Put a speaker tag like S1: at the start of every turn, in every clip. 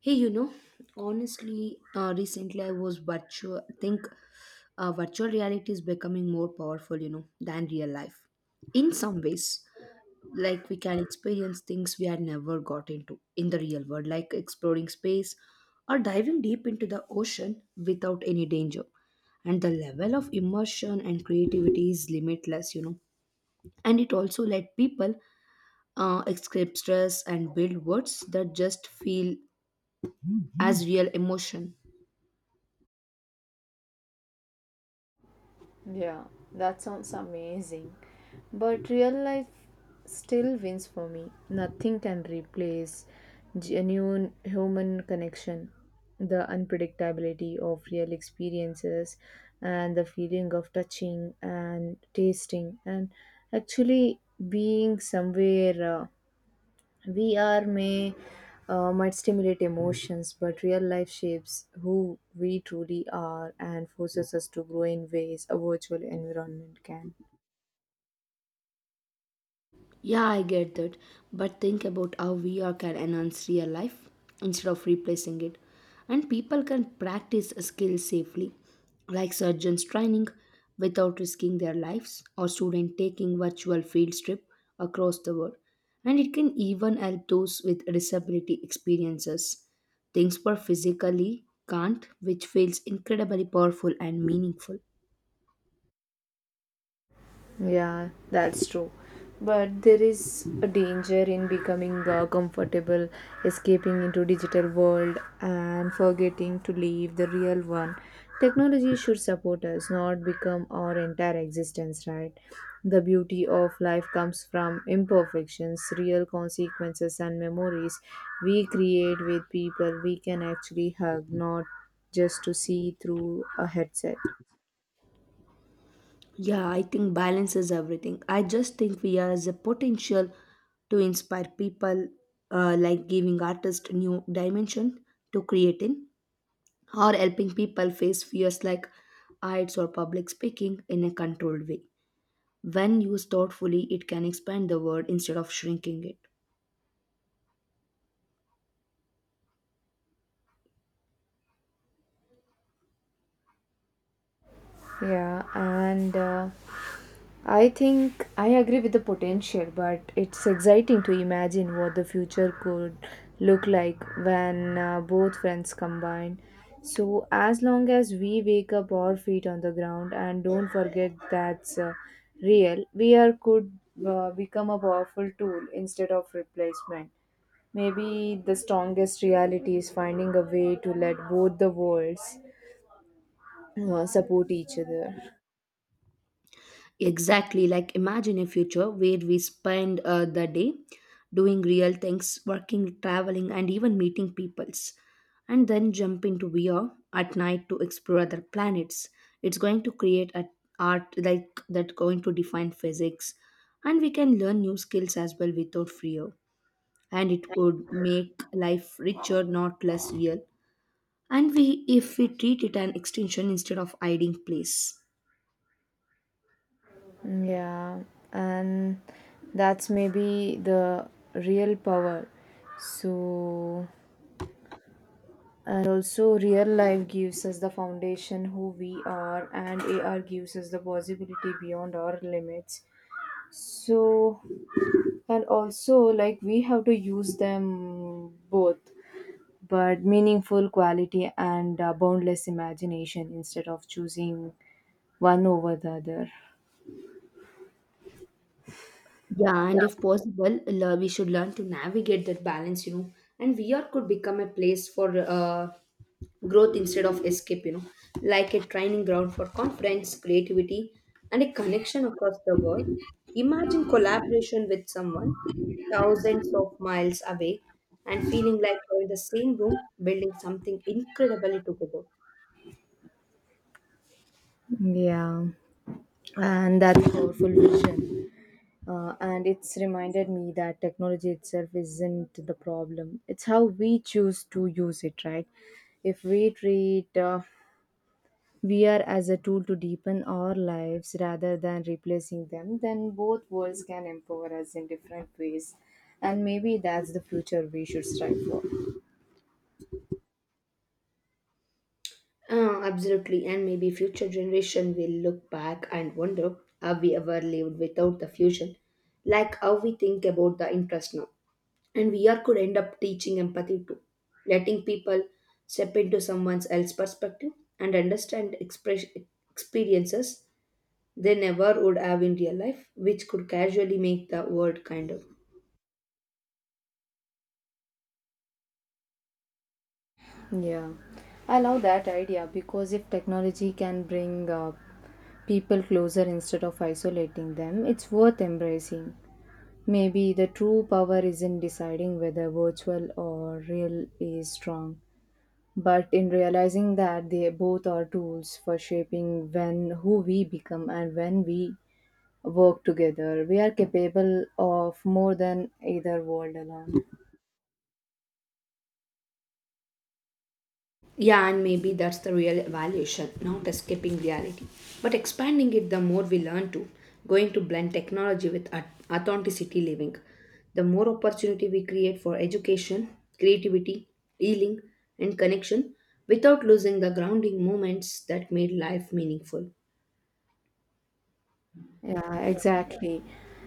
S1: Hey, you know, honestly, recently I was virtual. I think virtual reality is becoming more powerful, you know, than real life. In some ways, like we can experience things we had never got into in the real world, like exploring space or diving deep into the ocean without any danger. And the level of immersion and creativity is limitless, you know. And it also let people escape stress and build worlds that just feel as real emotion.
S2: Yeah, that sounds amazing. But real life still wins for me. Nothing can replace genuine human connection, the unpredictability of real experiences, and the feeling of touching and tasting and actually being somewhere. VR may might stimulate emotions, but real life shapes who we truly are and forces us to grow in ways a virtual environment can.
S1: Yeah, I get that, but think about how VR can enhance real life instead of replacing it. And people can practice a skill safely, like surgeons training without risking their lives, or students taking virtual field trip across the world. And it can even help those with disability experiences, things were physically can't, which feels incredibly powerful and meaningful.
S2: Yeah, that's true. But there is a danger in becoming comfortable, escaping into digital world and forgetting to leave the real one. Technology should support us, not become our entire existence, right? The beauty of life comes from imperfections, real consequences and memories we create with people we can actually hug, not just to see through a headset.
S1: Yeah, I think balance is everything. I just think we has a potential to inspire people, like giving artists new dimension to creating, or helping people face fears like heights or public speaking in a controlled way. When used thoughtfully, it can expand the world instead of shrinking it.
S2: Yeah, and I think I agree with the potential, but it's exciting to imagine what the future could look like when both friends combine. So, as long as we wake up our feet on the ground and don't forget that's real, we are could become a powerful tool instead of replacement. Maybe the strongest reality is finding a way to let both the worlds support each other.
S1: Exactly, like imagine a future where we spend the day doing real things, working, traveling, and even meeting peoples, and then jump into VR at night to explore other planets. It's going to create a art like that going to define physics, and we can learn new skills as well without fear. And it would make life richer, not less real. And we, if we treat it an extension instead of hiding place.
S2: Yeah, and that's maybe the real power. So, and also, real life gives us the foundation who we are, and AR gives us the possibility beyond our limits. So, and also, like, we have to use them both, but meaningful quality and boundless imagination instead of choosing one over the other.
S1: Yeah, and if possible, we should learn to navigate that balance, you know. And VR could become a place for growth instead of escape, you know, like a training ground for confidence, creativity, and a connection across the world. Imagine collaboration with someone thousands of miles away and feeling like you're in the same room building something incredibly together.
S2: Yeah, and that's powerful vision, and it's reminded me that technology itself isn't the problem, it's how we choose to use it, right? If we treat VR as a tool to deepen our lives rather than replacing them, then both worlds can empower us in different ways, and maybe that's the future we should strive for.
S1: Absolutely, and maybe future generation will look back and wonder how we ever lived without the fusion, like how we think about the interest now. And we are could end up teaching empathy too, letting people step into someone else's perspective and understand experiences they never would have in real life, which could casually make the world kinder.
S2: Yeah, I love that idea because if technology can bring people closer instead of isolating them, it's worth embracing. Maybe the true power is in deciding whether virtual or real is strong, but in realizing that they both are tools for shaping when who we become, and when we work together, we are capable of more than either world alone.
S1: Yeah, and maybe that's the real evaluation, not escaping reality, but expanding it the more we learn to, going to blend technology with authenticity living. The more opportunity we create for education, creativity, healing, and connection without losing the grounding moments that made life meaningful.
S2: Yeah, exactly.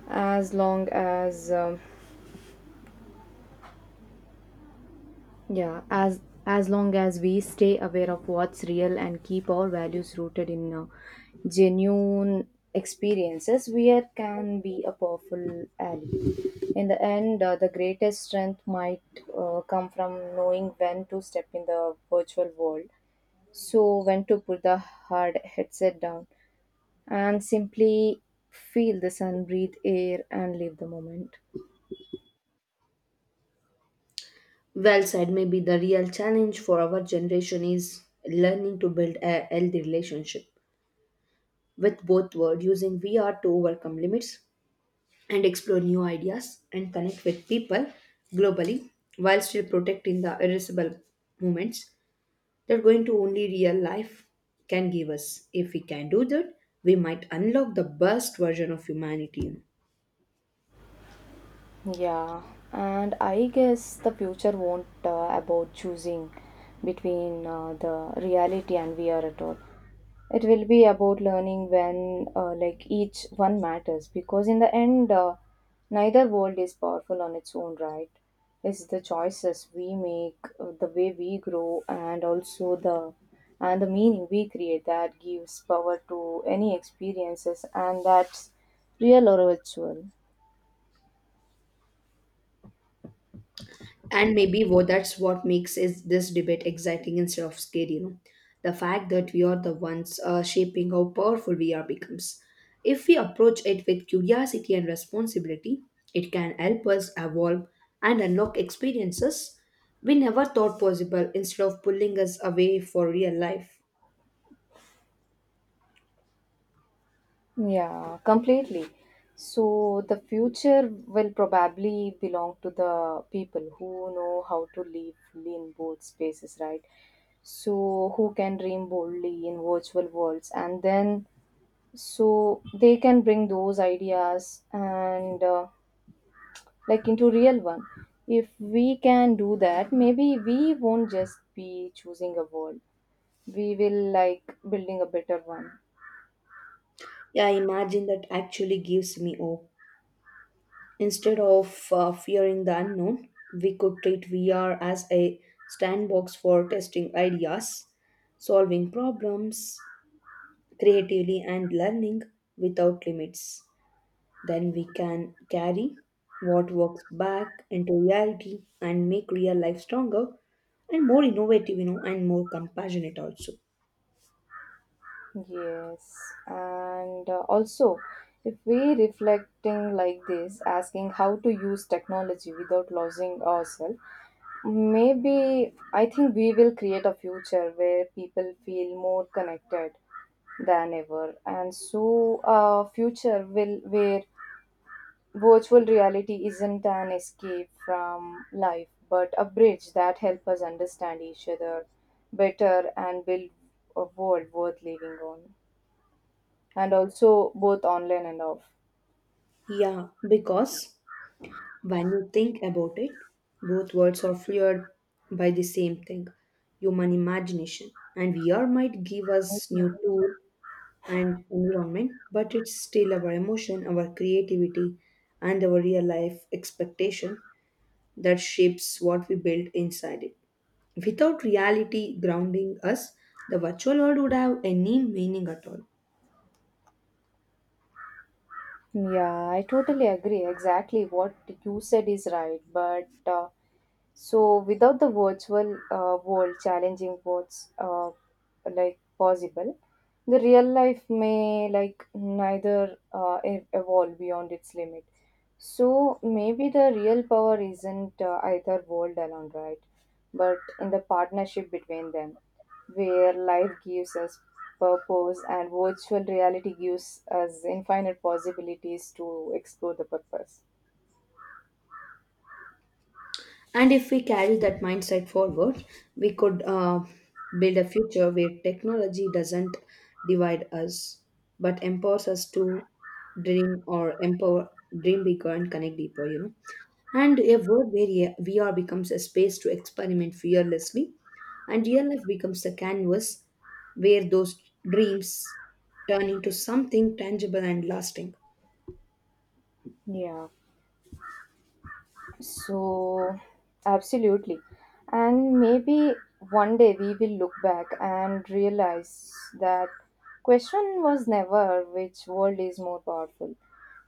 S2: As long as um, Yeah, as as long as we stay aware of what's real and keep our values rooted in genuine experiences, we can be a powerful ally. In the end, the greatest strength might come from knowing when to step in the virtual world, so when to put the hard headset down and simply feel the sun, breathe air, and live the moment.
S1: Well said, maybe the real challenge for our generation is learning to build a healthy relationship with both world using VR to overcome limits and explore new ideas and connect with people globally while still protecting the irreversible moments that going to only real life can give us. If we can do that, we might unlock the best version of humanity.
S2: Yeah, and I guess the future won't about choosing between the reality and VR at all. It will be about learning when like each one matters because in the end, neither world is powerful on its own right. It's the choices we make, the way we grow, and also the meaning we create that gives power to any experiences, and that's real or virtual.
S1: And maybe what that's what makes is this debate exciting instead of scary, you know, the fact that we are the ones shaping how powerful we are becomes. If we approach it with curiosity and responsibility, it can help us evolve and unlock experiences we never thought possible instead of pulling us away for real life.
S2: Yeah, completely. So the future will probably belong to the people who know how to live in both spaces, right? So who can dream boldly in virtual worlds, and then so they can bring those ideas and like into real one. If we can do that, maybe we won't just be choosing a world. We will like building a better one.
S1: Yeah, imagine that actually gives me hope. Instead of fearing the unknown, we could treat VR as a sandbox for testing ideas, solving problems creatively, and learning without limits. Then we can carry what works back into reality and make real life stronger and more innovative, you know, and more compassionate also.
S2: Yes, and also if we reflecting like this, asking how to use technology without losing ourselves, maybe I think we will create a future where people feel more connected than ever, and so a future will where virtual reality isn't an escape from life, but a bridge that helps us understand each other better and build a world worth living on, and also both online and off.
S1: Yeah, because when you think about it, both words are fueled by the same thing, human imagination. And VR might give us new
S2: Yeah.
S1: tool and environment, but it's still our emotion, our creativity, and our real life expectation that shapes what we build inside it. Without reality grounding us, the virtual world would have any meaning at all.
S2: Yeah, I totally agree. Exactly what you said is right. But so without the virtual world challenging what's like possible, the real life may like neither evolve beyond its limit. So maybe the real power isn't either world alone, right? But in the partnership between them, where life gives us purpose and virtual reality gives us infinite possibilities to explore the purpose.
S1: And if we carry that mindset forward, we could build a future where technology doesn't divide us, but empowers us to dream or empower, dream bigger and connect deeper, you know. And a world where VR becomes a space to experiment fearlessly, and real life becomes the canvas where those dreams turn into something tangible and lasting.
S2: Yeah. So, absolutely. And maybe one day we will look back and realize that question was never which world is more powerful.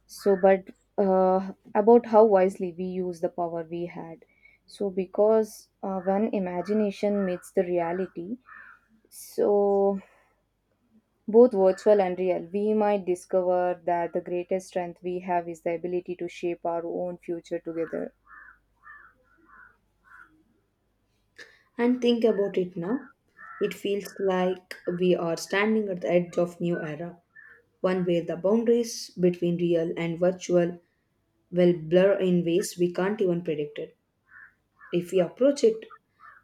S2: So, but about how wisely we use the power we had. So, because when imagination meets the reality, so both virtual and real, we might discover that the greatest strength we have is the ability to shape our own future together.
S1: And think about it now. It feels like we are standing at the edge of new era, one where the boundaries between real and virtual will blur in ways we can't even predict it. If we approach it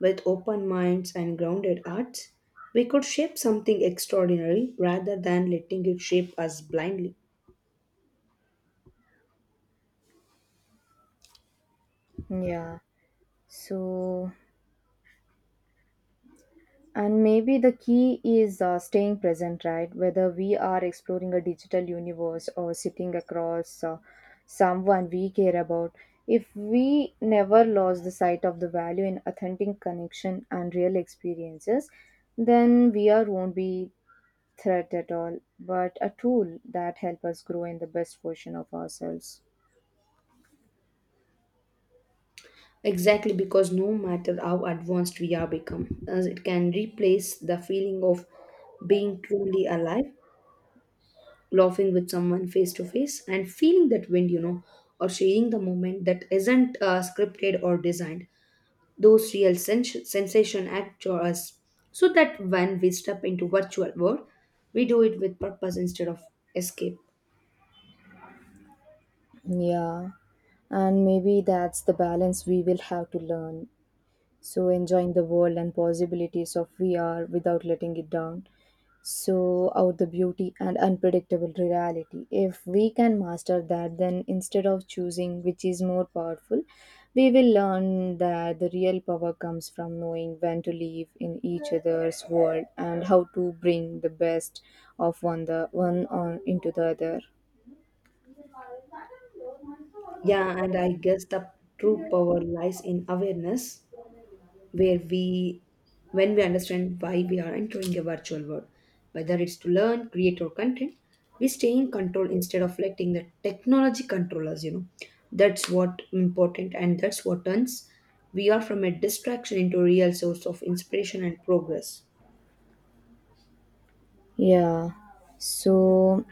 S1: with open minds and grounded hearts, we could shape something extraordinary rather than letting it shape us blindly.
S2: Yeah. So, and maybe the key is staying present, right? Whether we are exploring a digital universe or sitting across someone we care about, if we never lost the sight of the value in authentic connection and real experiences, then we are won't be threat at all, but a tool that helps us grow in the best version of ourselves.
S1: Exactly, because no matter how advanced we are become, as it can replace the feeling of being truly alive, laughing with someone face to face and feeling that wind, you know, or sharing the moment that isn't scripted or designed. Those real sensation act for us, so that when we step into virtual world, we do it with purpose instead of escape.
S2: Yeah. And maybe that's the balance we will have to learn, so enjoying the world and possibilities of VR without letting it down. So out the beauty and unpredictable reality. If we can master that, then instead of choosing which is more powerful, we will learn that the real power comes from knowing when to live in each other's world and how to bring the best of one on into the other.
S1: Yeah, and I guess the true power lies in awareness, where we when we understand why we are entering a virtual world, whether it's to learn, create, or content, we stay in control instead of letting the technology control us, you know. That's what important, and that's what turns we are from a distraction into a real source of inspiration and progress.
S2: Yeah. So,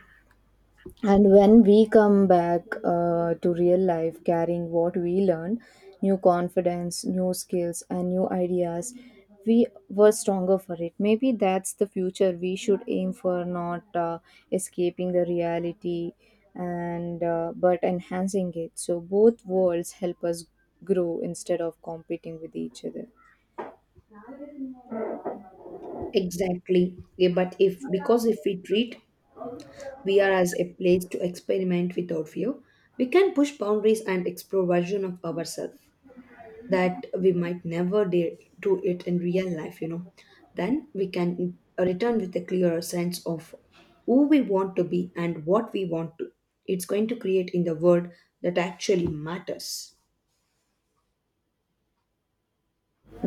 S2: and when we come back to real life carrying what we learn, new confidence, new skills, and new ideas, we were stronger for it. Maybe that's the future we should aim for, not escaping the reality, and but enhancing it so both worlds help us grow instead of competing with each other.
S1: Exactly, yeah, but if, because if we treat we are as a place to experiment without fear, we can push boundaries and explore version of ourselves that we might never do it in real life, you know, then we can return with a clearer sense of who we want to be and what we want to. It's going to create in the world that actually matters.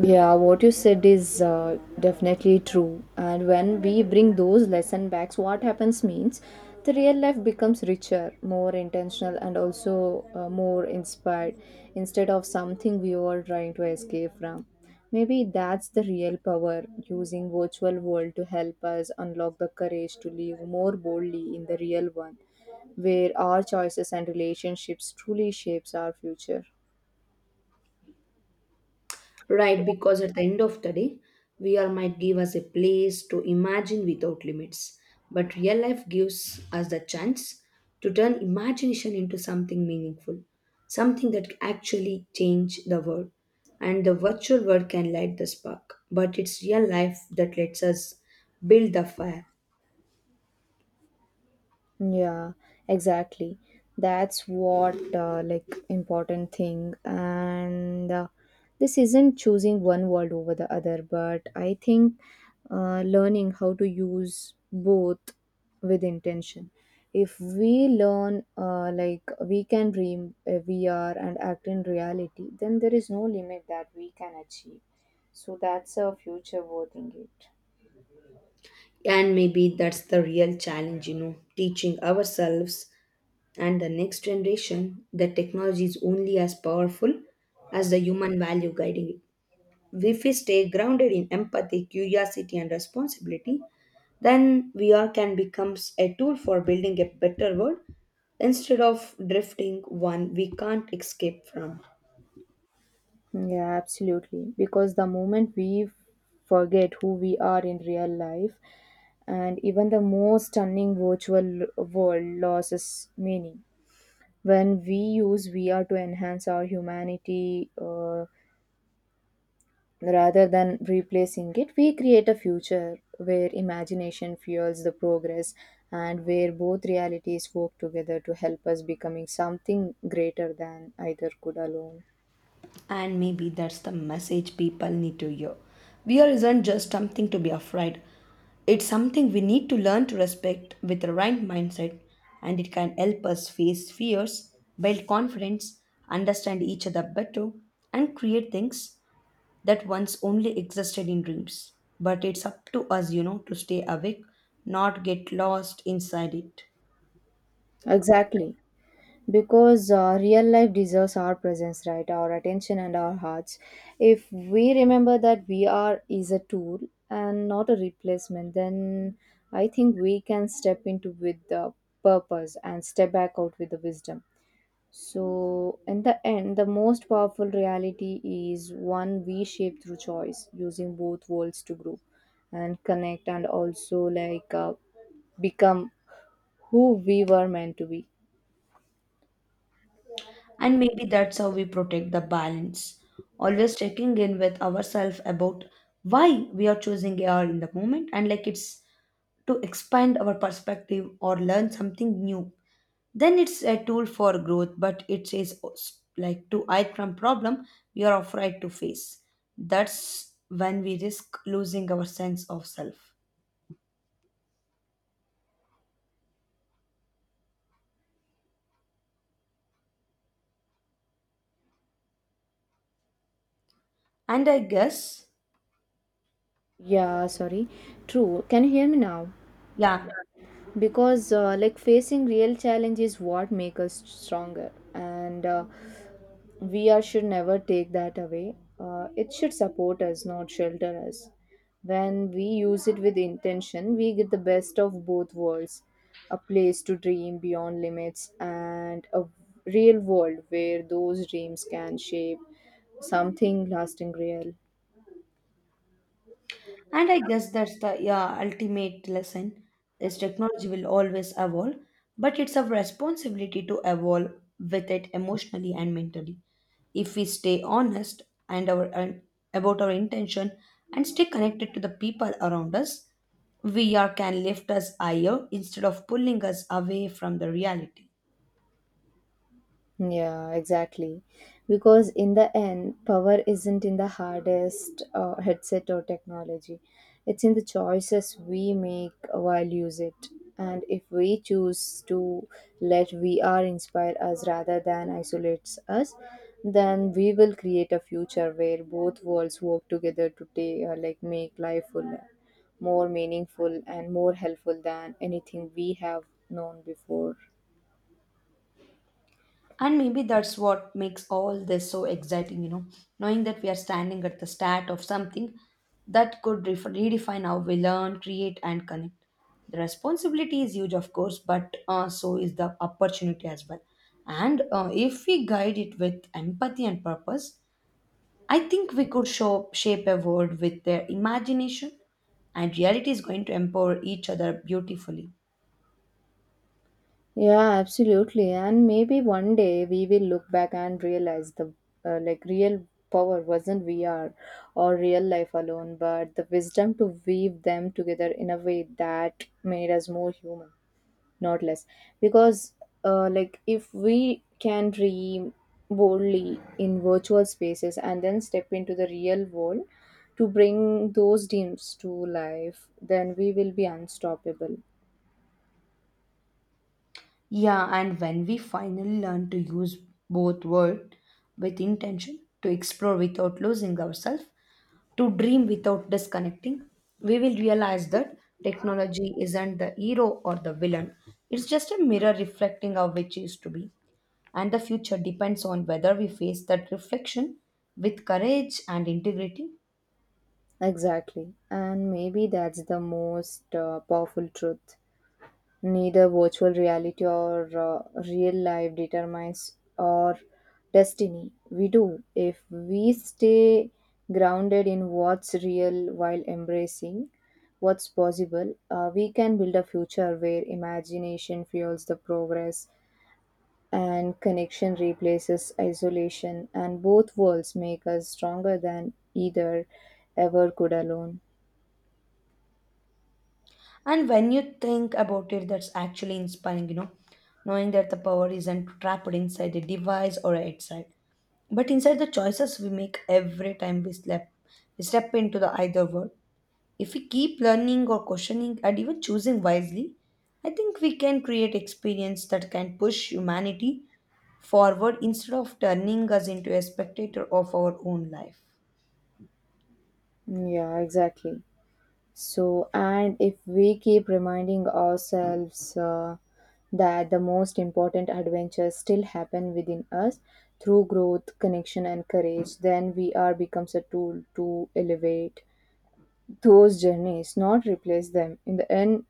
S2: Yeah, what you said is definitely true. And when we bring those lesson backs, what happens means the real life becomes richer, more intentional, and also more inspired instead of something we were trying to escape from. Maybe that's the real power using virtual world to help us unlock the courage to live more boldly in the real one, where our choices and relationships truly shapes our future.
S1: Right, because at the end of the day, VR might give us a place to imagine without limits, but real life gives us the chance to turn imagination into something meaningful, something that actually change the world. And the virtual world can light the spark, but it's real life that lets us build the fire.
S2: Yeah, exactly. That's what like important thing, and this isn't choosing one world over the other, but I think learning how to use both with intention. If we learn like we can dream, we are and act in reality, then there is no limit that we can achieve. So that's a future worth in it.
S1: And maybe that's the real challenge, you know, teaching ourselves and the next generation, the technology is only as powerful as the human value guiding it. If we stay grounded in empathy, curiosity, and responsibility, then VR can become a tool for building a better world instead of drifting one we can't escape from.
S2: Yeah, absolutely. Because the moment we forget who we are in real life, and even the most stunning virtual world loses meaning. When we use VR to enhance our humanity rather than replacing it, we create a future where imagination fuels the progress and where both realities work together to help us becoming something greater than either could alone.
S1: And maybe that's the message people need to hear. Fear isn't just something to be afraid, it's something we need to learn to respect with the right mindset, and it can help us face fears, build confidence, understand each other better, and create things that once only existed in dreams. But it's up to us, you know, to stay awake, not get lost inside it.
S2: Exactly, because real life deserves our presence, right? Our attention and our hearts. If we remember that we are is a tool and not a replacement, then I think we can step into with the purpose and step back out with the wisdom. So in the end, the most powerful reality is one we shape through choice, using both worlds to grow and connect, and also like become who we were meant to be.
S1: And maybe that's how we protect the balance, always checking in with ourselves about why we are choosing AR in the moment, and like it's to expand our perspective or learn something new. Then it's a tool for growth, but it is like to hide from problem we are afraid to face. That's when we risk losing our sense of self. And I guess,
S2: Yeah, sorry. True. Can you hear me now?
S1: yeah,
S2: Because like facing real challenge is what make us stronger, and we are should never take that away. It should support us, not shelter us. When we use it with intention, we get the best of both worlds: a place to dream beyond limits, and a real world where those dreams can shape something lasting real.
S1: and I guess that's the yeah, ultimate lesson is technology will always evolve, but it's our responsibility to evolve with it emotionally and mentally. If we stay honest and about our intention and stay connected to the people around us, VR can lift us higher instead of pulling us away from the reality.
S2: Yeah, exactly. Because in the end, power isn't in the hardest headset or technology. It's in the choices we make while use it. And if we choose to let VR inspire us rather than isolates us, then we will create a future where both worlds work together to like make life fuller, more meaningful and more helpful than anything we have known before.
S1: And maybe that's what makes all this so exciting, you know, knowing that we are standing at the start of something that could redefine how we learn, create, and connect. The responsibility is huge, of course, but so is the opportunity as well. And if we guide it with empathy and purpose, I think we could shape a world with their imagination, and reality is going to empower each other beautifully.
S2: Yeah, absolutely. And maybe one day we will look back and realize the like real power wasn't VR or real life alone, but the wisdom to weave them together in a way that made us more human, not less. Because like if we can dream boldly in virtual spaces and then step into the real world to bring those dreams to life, then we will be unstoppable.
S1: Yeah, and when we finally learn to use both words with intention, to explore without losing ourselves, to dream without disconnecting, we will realize that technology isn't the hero or the villain. It's just a mirror reflecting our wishes to be. And the future depends on whether we face that reflection with courage and integrity.
S2: Exactly. And maybe that's the most powerful truth. Neither virtual reality or real life determines our destiny. We do. If we stay grounded in what's real while embracing what's possible, we can build a future where imagination fuels the progress and connection replaces isolation, and both worlds make us stronger than either ever could alone.
S1: And when you think about it, that's actually inspiring, you know, knowing that the power isn't trapped inside a device or a headset, but inside the choices we make every time we step into the either world. If we keep learning or questioning and even choosing wisely, I think we can create experience that can push humanity forward instead of turning us into a spectator of our own life.
S2: Yeah, exactly. So, and if we keep reminding ourselves that the most important adventures still happen within us through growth, connection, and courage, then VR becomes a tool to elevate those journeys, not replace them. In the end,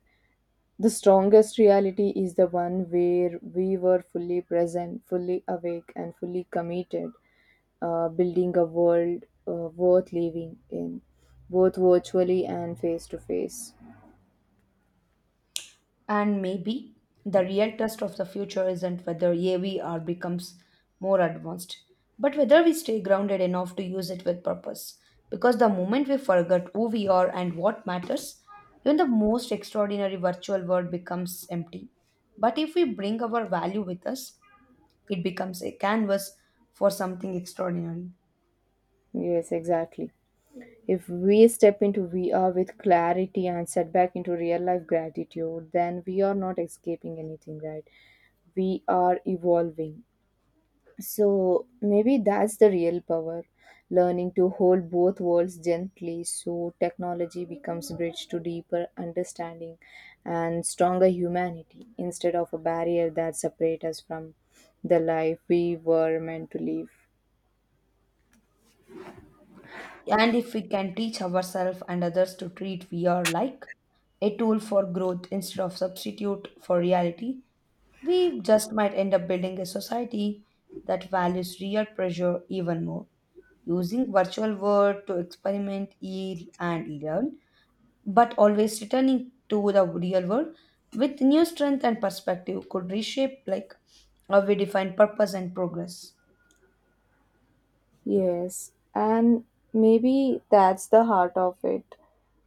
S2: the strongest reality is the one where we were fully present, fully awake, and fully committed building a world worth living in, both virtually and face to face.
S1: And maybe the real test of the future isn't whether AVR becomes more advanced, but whether we stay grounded enough to use it with purpose. Because the moment we forget who we are and what matters, even the most extraordinary virtual world becomes empty. But if we bring our value with us, it becomes a canvas for something extraordinary.
S2: Yes, exactly. If we step into VR with clarity and set back into real life gratitude, then we are not escaping anything, right? We are evolving. So maybe that's the real power learning to hold both worlds gently so technology becomes bridge to deeper understanding and stronger humanity instead of a barrier that separates us from the life we were meant to live.
S1: And if we can teach ourselves and others to treat VR like a tool for growth instead of substitute for reality, we just might end up building a society that values real pressure even more, using virtual world to experiment, heal, and learn, but always returning to the real world with new strength and perspective could reshape how we define purpose and progress.
S2: Yes, and maybe that's the heart of it.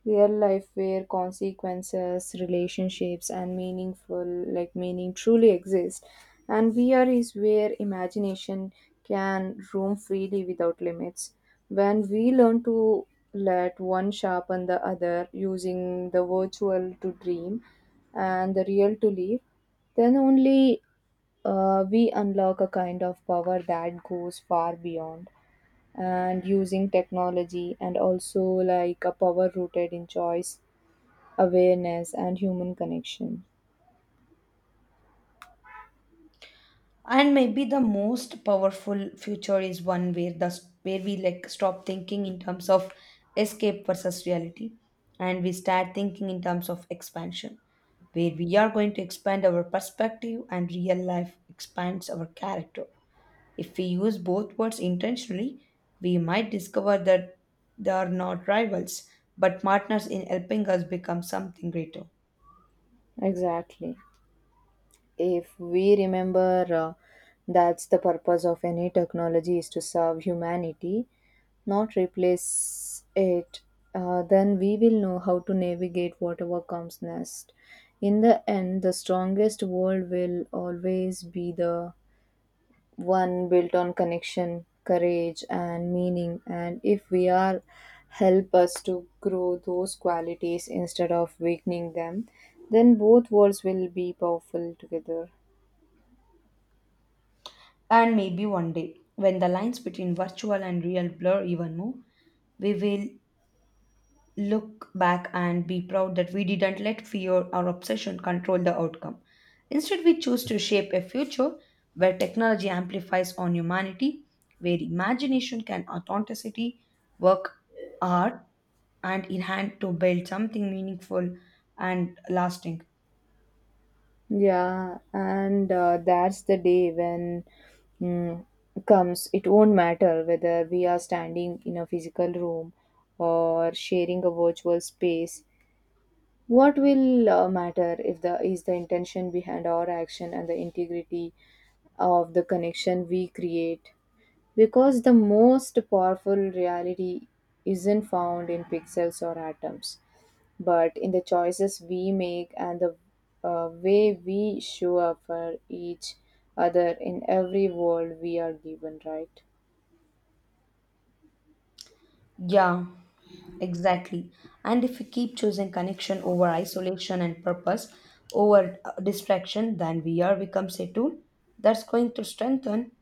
S2: Real life where consequences, relationships and meaningful like meaning truly exist. And VR is where imagination can roam freely without limits. When we learn to let one sharpen the other using the virtual to dream and the real to live, then only we unlock a kind of power that goes far beyond and using technology and also like a power rooted in choice, awareness, and human connection.
S1: And maybe the most powerful future is one where the where we like stop thinking in terms of escape versus reality, and we start thinking in terms of expansion, where we are going to expand our perspective and real life expands our character. If we use both words intentionally, we might discover that they are not rivals but partners in helping us become something greater.
S2: Exactly. If we remember that's the purpose of any technology is to serve humanity, not replace it, then we will know how to navigate whatever comes next. In the end, the strongest world will always be the one built on connection, courage, and meaning. And if we are help us to grow those qualities instead of weakening them, then both worlds will be powerful together.
S1: And maybe one day, when the lines between virtual and real blur even more, we will look back and be proud that we didn't let fear or obsession control the outcome. Instead, we choose to shape a future where technology amplifies on humanity, where imagination can authenticity, work hard, and in hand to build something meaningful and lasting.
S2: Yeah, and that's the day when mm, comes. It won't matter whether we are standing in a physical room or sharing a virtual space. What will matter if the is the intention behind our action and the integrity of the connection we create? Because the most powerful reality isn't found in pixels or atoms, but in the choices we make and the way we show up for each other in every world we are given, right?
S1: Yeah. Exactly. And if we keep choosing connection over isolation and purpose over distraction, then VR becomes a tool that's going to strengthen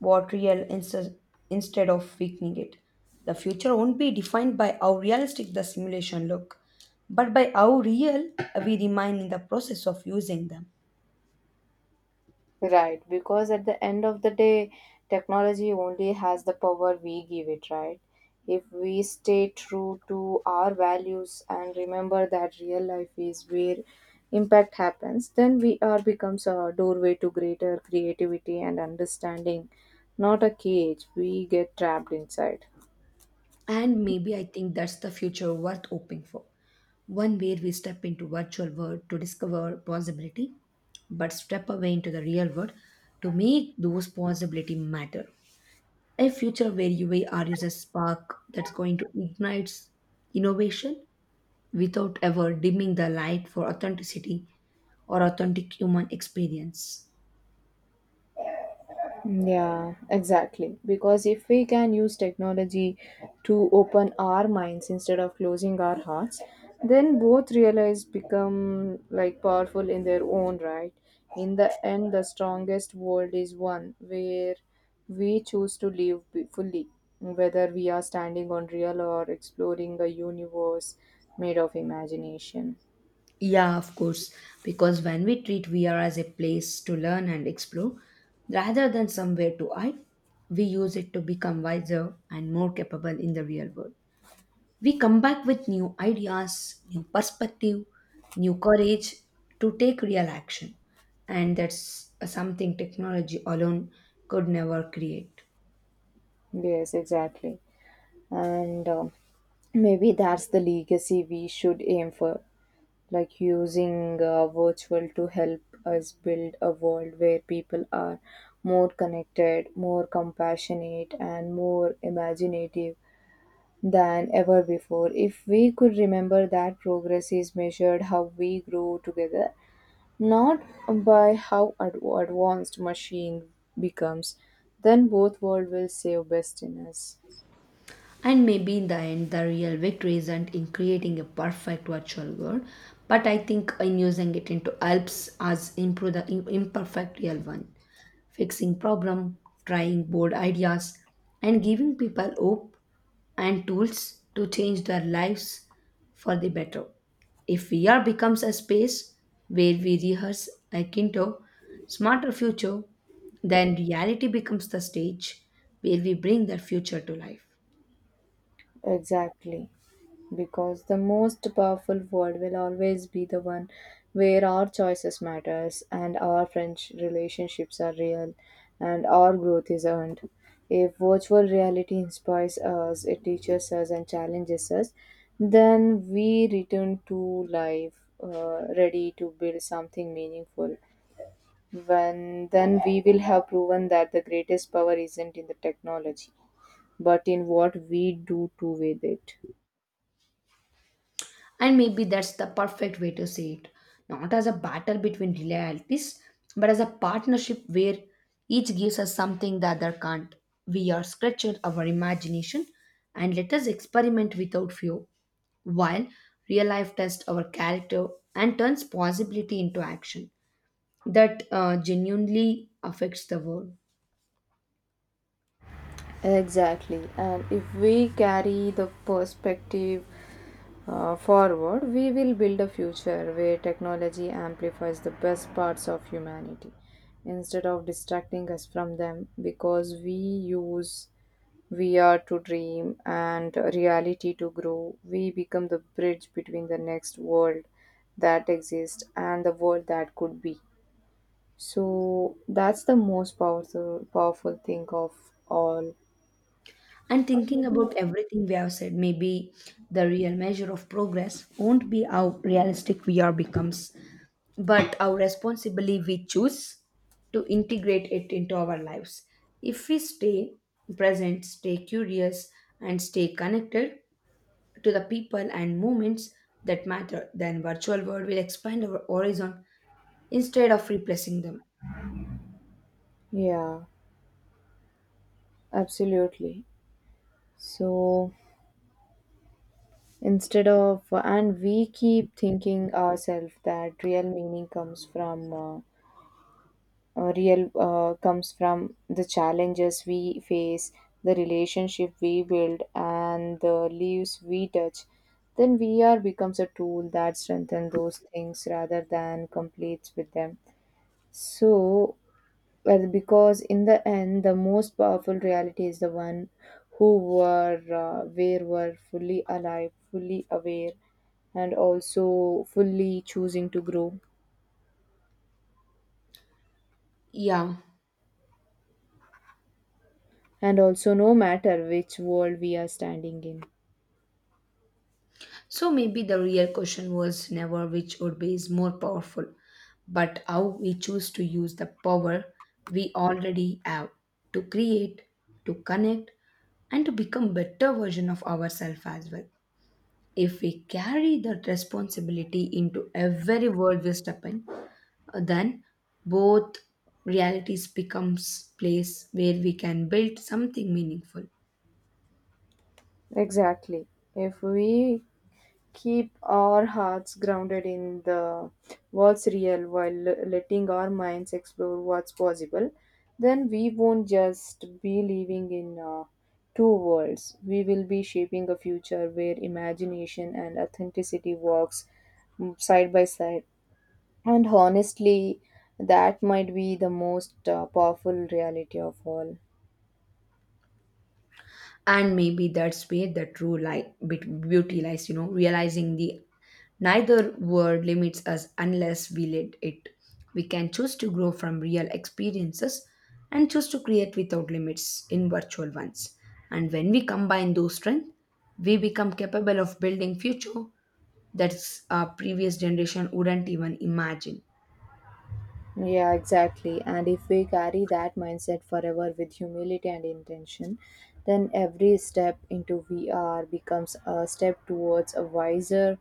S1: what real inst- instead of weakening it. The future won't be defined by how realistic the simulation look, but by how real we remain in the process of using them.
S2: Right, because at the end of the day, technology only has the power we give it, right? If we stay true to our values and remember that real life is where impact happens, then we are becomes a doorway to greater creativity and understanding, not a cage we get trapped inside.
S1: And maybe I think that's the future worth hoping for. One where we step into virtual world to discover possibility, but step away into the real world to make those possibility matter. A future where uar is a spark that's going to ignite innovation without ever dimming the light for authenticity or authentic human experience.
S2: Yeah, exactly. Because if we can use technology to open our minds instead of closing our hearts, then both realize become like powerful in their own right. In the end, the strongest world is one where we choose to live fully, whether we are standing on real or exploring a universe made of imagination.
S1: Yeah, of course, because when we treat VR as a place to learn and explore rather than somewhere to hide, we use it to become wiser and more capable in the real world. We come back with new ideas, new perspective, new courage to take real action. And that's something technology alone could never create.
S2: Yes, exactly. And maybe that's the legacy we should aim for like using virtual to help us build a world where people are more connected, more compassionate, and more imaginative than ever before. If we could remember that progress is measured how we grow together, not by how advanced machine becomes, then both world will save best in us.
S1: And maybe in the end, the real victory isn't in creating a perfect virtual world, but I think in using it into helps us improve the imperfect real one, fixing problem, trying bold ideas, and giving people hope and tools to change their lives for the better. If VR becomes a space where we rehearse a kinder, smarter future, then reality becomes the stage where we bring that future to life.
S2: Exactly. Because the most powerful word will always be the one where our choices matters and our French relationships are real and our growth is earned. If virtual reality inspires us, it teaches us and challenges us, then we return to life ready to build something meaningful. When then we will have proven that the greatest power isn't in the technology, but in what we do to with it.
S1: And maybe that's the perfect way to see it. Not as a battle between realities, but as a partnership where each gives us something the other can't. We are stretching our imagination and let us experiment without fear, while real life tests our character and turns possibility into action that genuinely affects the world.
S2: Exactly. And if we carry the perspective forward, we will build a future where technology amplifies the best parts of humanity instead of distracting us from them because we use VR to dream and reality to grow. We become the bridge between the next world that exists and the world that could be. So that's the most powerful powerful thing of all.
S1: And thinking about everything we have said, maybe the real measure of progress won't be how realistic VR becomes, but how responsibly we choose to integrate it into our lives. If we stay present, stay curious, and stay connected to the people and moments that matter, then virtual world will expand our horizon instead of replacing them.
S2: Yeah. Absolutely. So instead of, and we keep thinking ourselves that real meaning comes from, real comes from the challenges we face, the relationship we build, and the leaves we touch. Then VR becomes a tool that strengthens those things rather than completes with them. So. Well, because in the end, the most powerful reality is the one who were, where were fully alive, fully aware, and also fully choosing to grow.
S1: Yeah.
S2: And also, no matter which world we are standing in.
S1: So maybe the real question was never which Urbe is more powerful, but how we choose to use the power we already have to create, to connect, and to become better version of ourselves as well. If we carry that responsibility into every world we step in, then both realities becomes place where we can build something meaningful.
S2: Exactly. If we keep our hearts grounded in the what's real while letting our minds explore what's possible then we won't just be living in two worlds we will be shaping a future where imagination and authenticity works side by side and honestly that might be the most powerful reality of all.
S1: And maybe that's where the true light beauty lies, you know, realizing the neither word limits us unless we let it. We can choose to grow from real experiences and choose to create without limits in virtual ones, and when we combine those strengths, we become capable of building future that our previous generation wouldn't even imagine.
S2: Yeah, exactly. And if we carry that mindset forever with humility and intention, then every step into VR becomes a step towards a wiser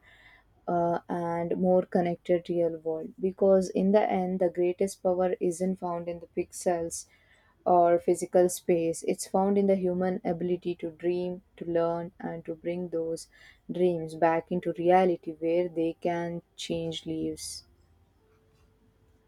S2: and more connected real world. Because in the end, the greatest power isn't found in the pixels or physical space, it's found in the human ability to dream, to learn, and to bring those dreams back into reality where they can change lives.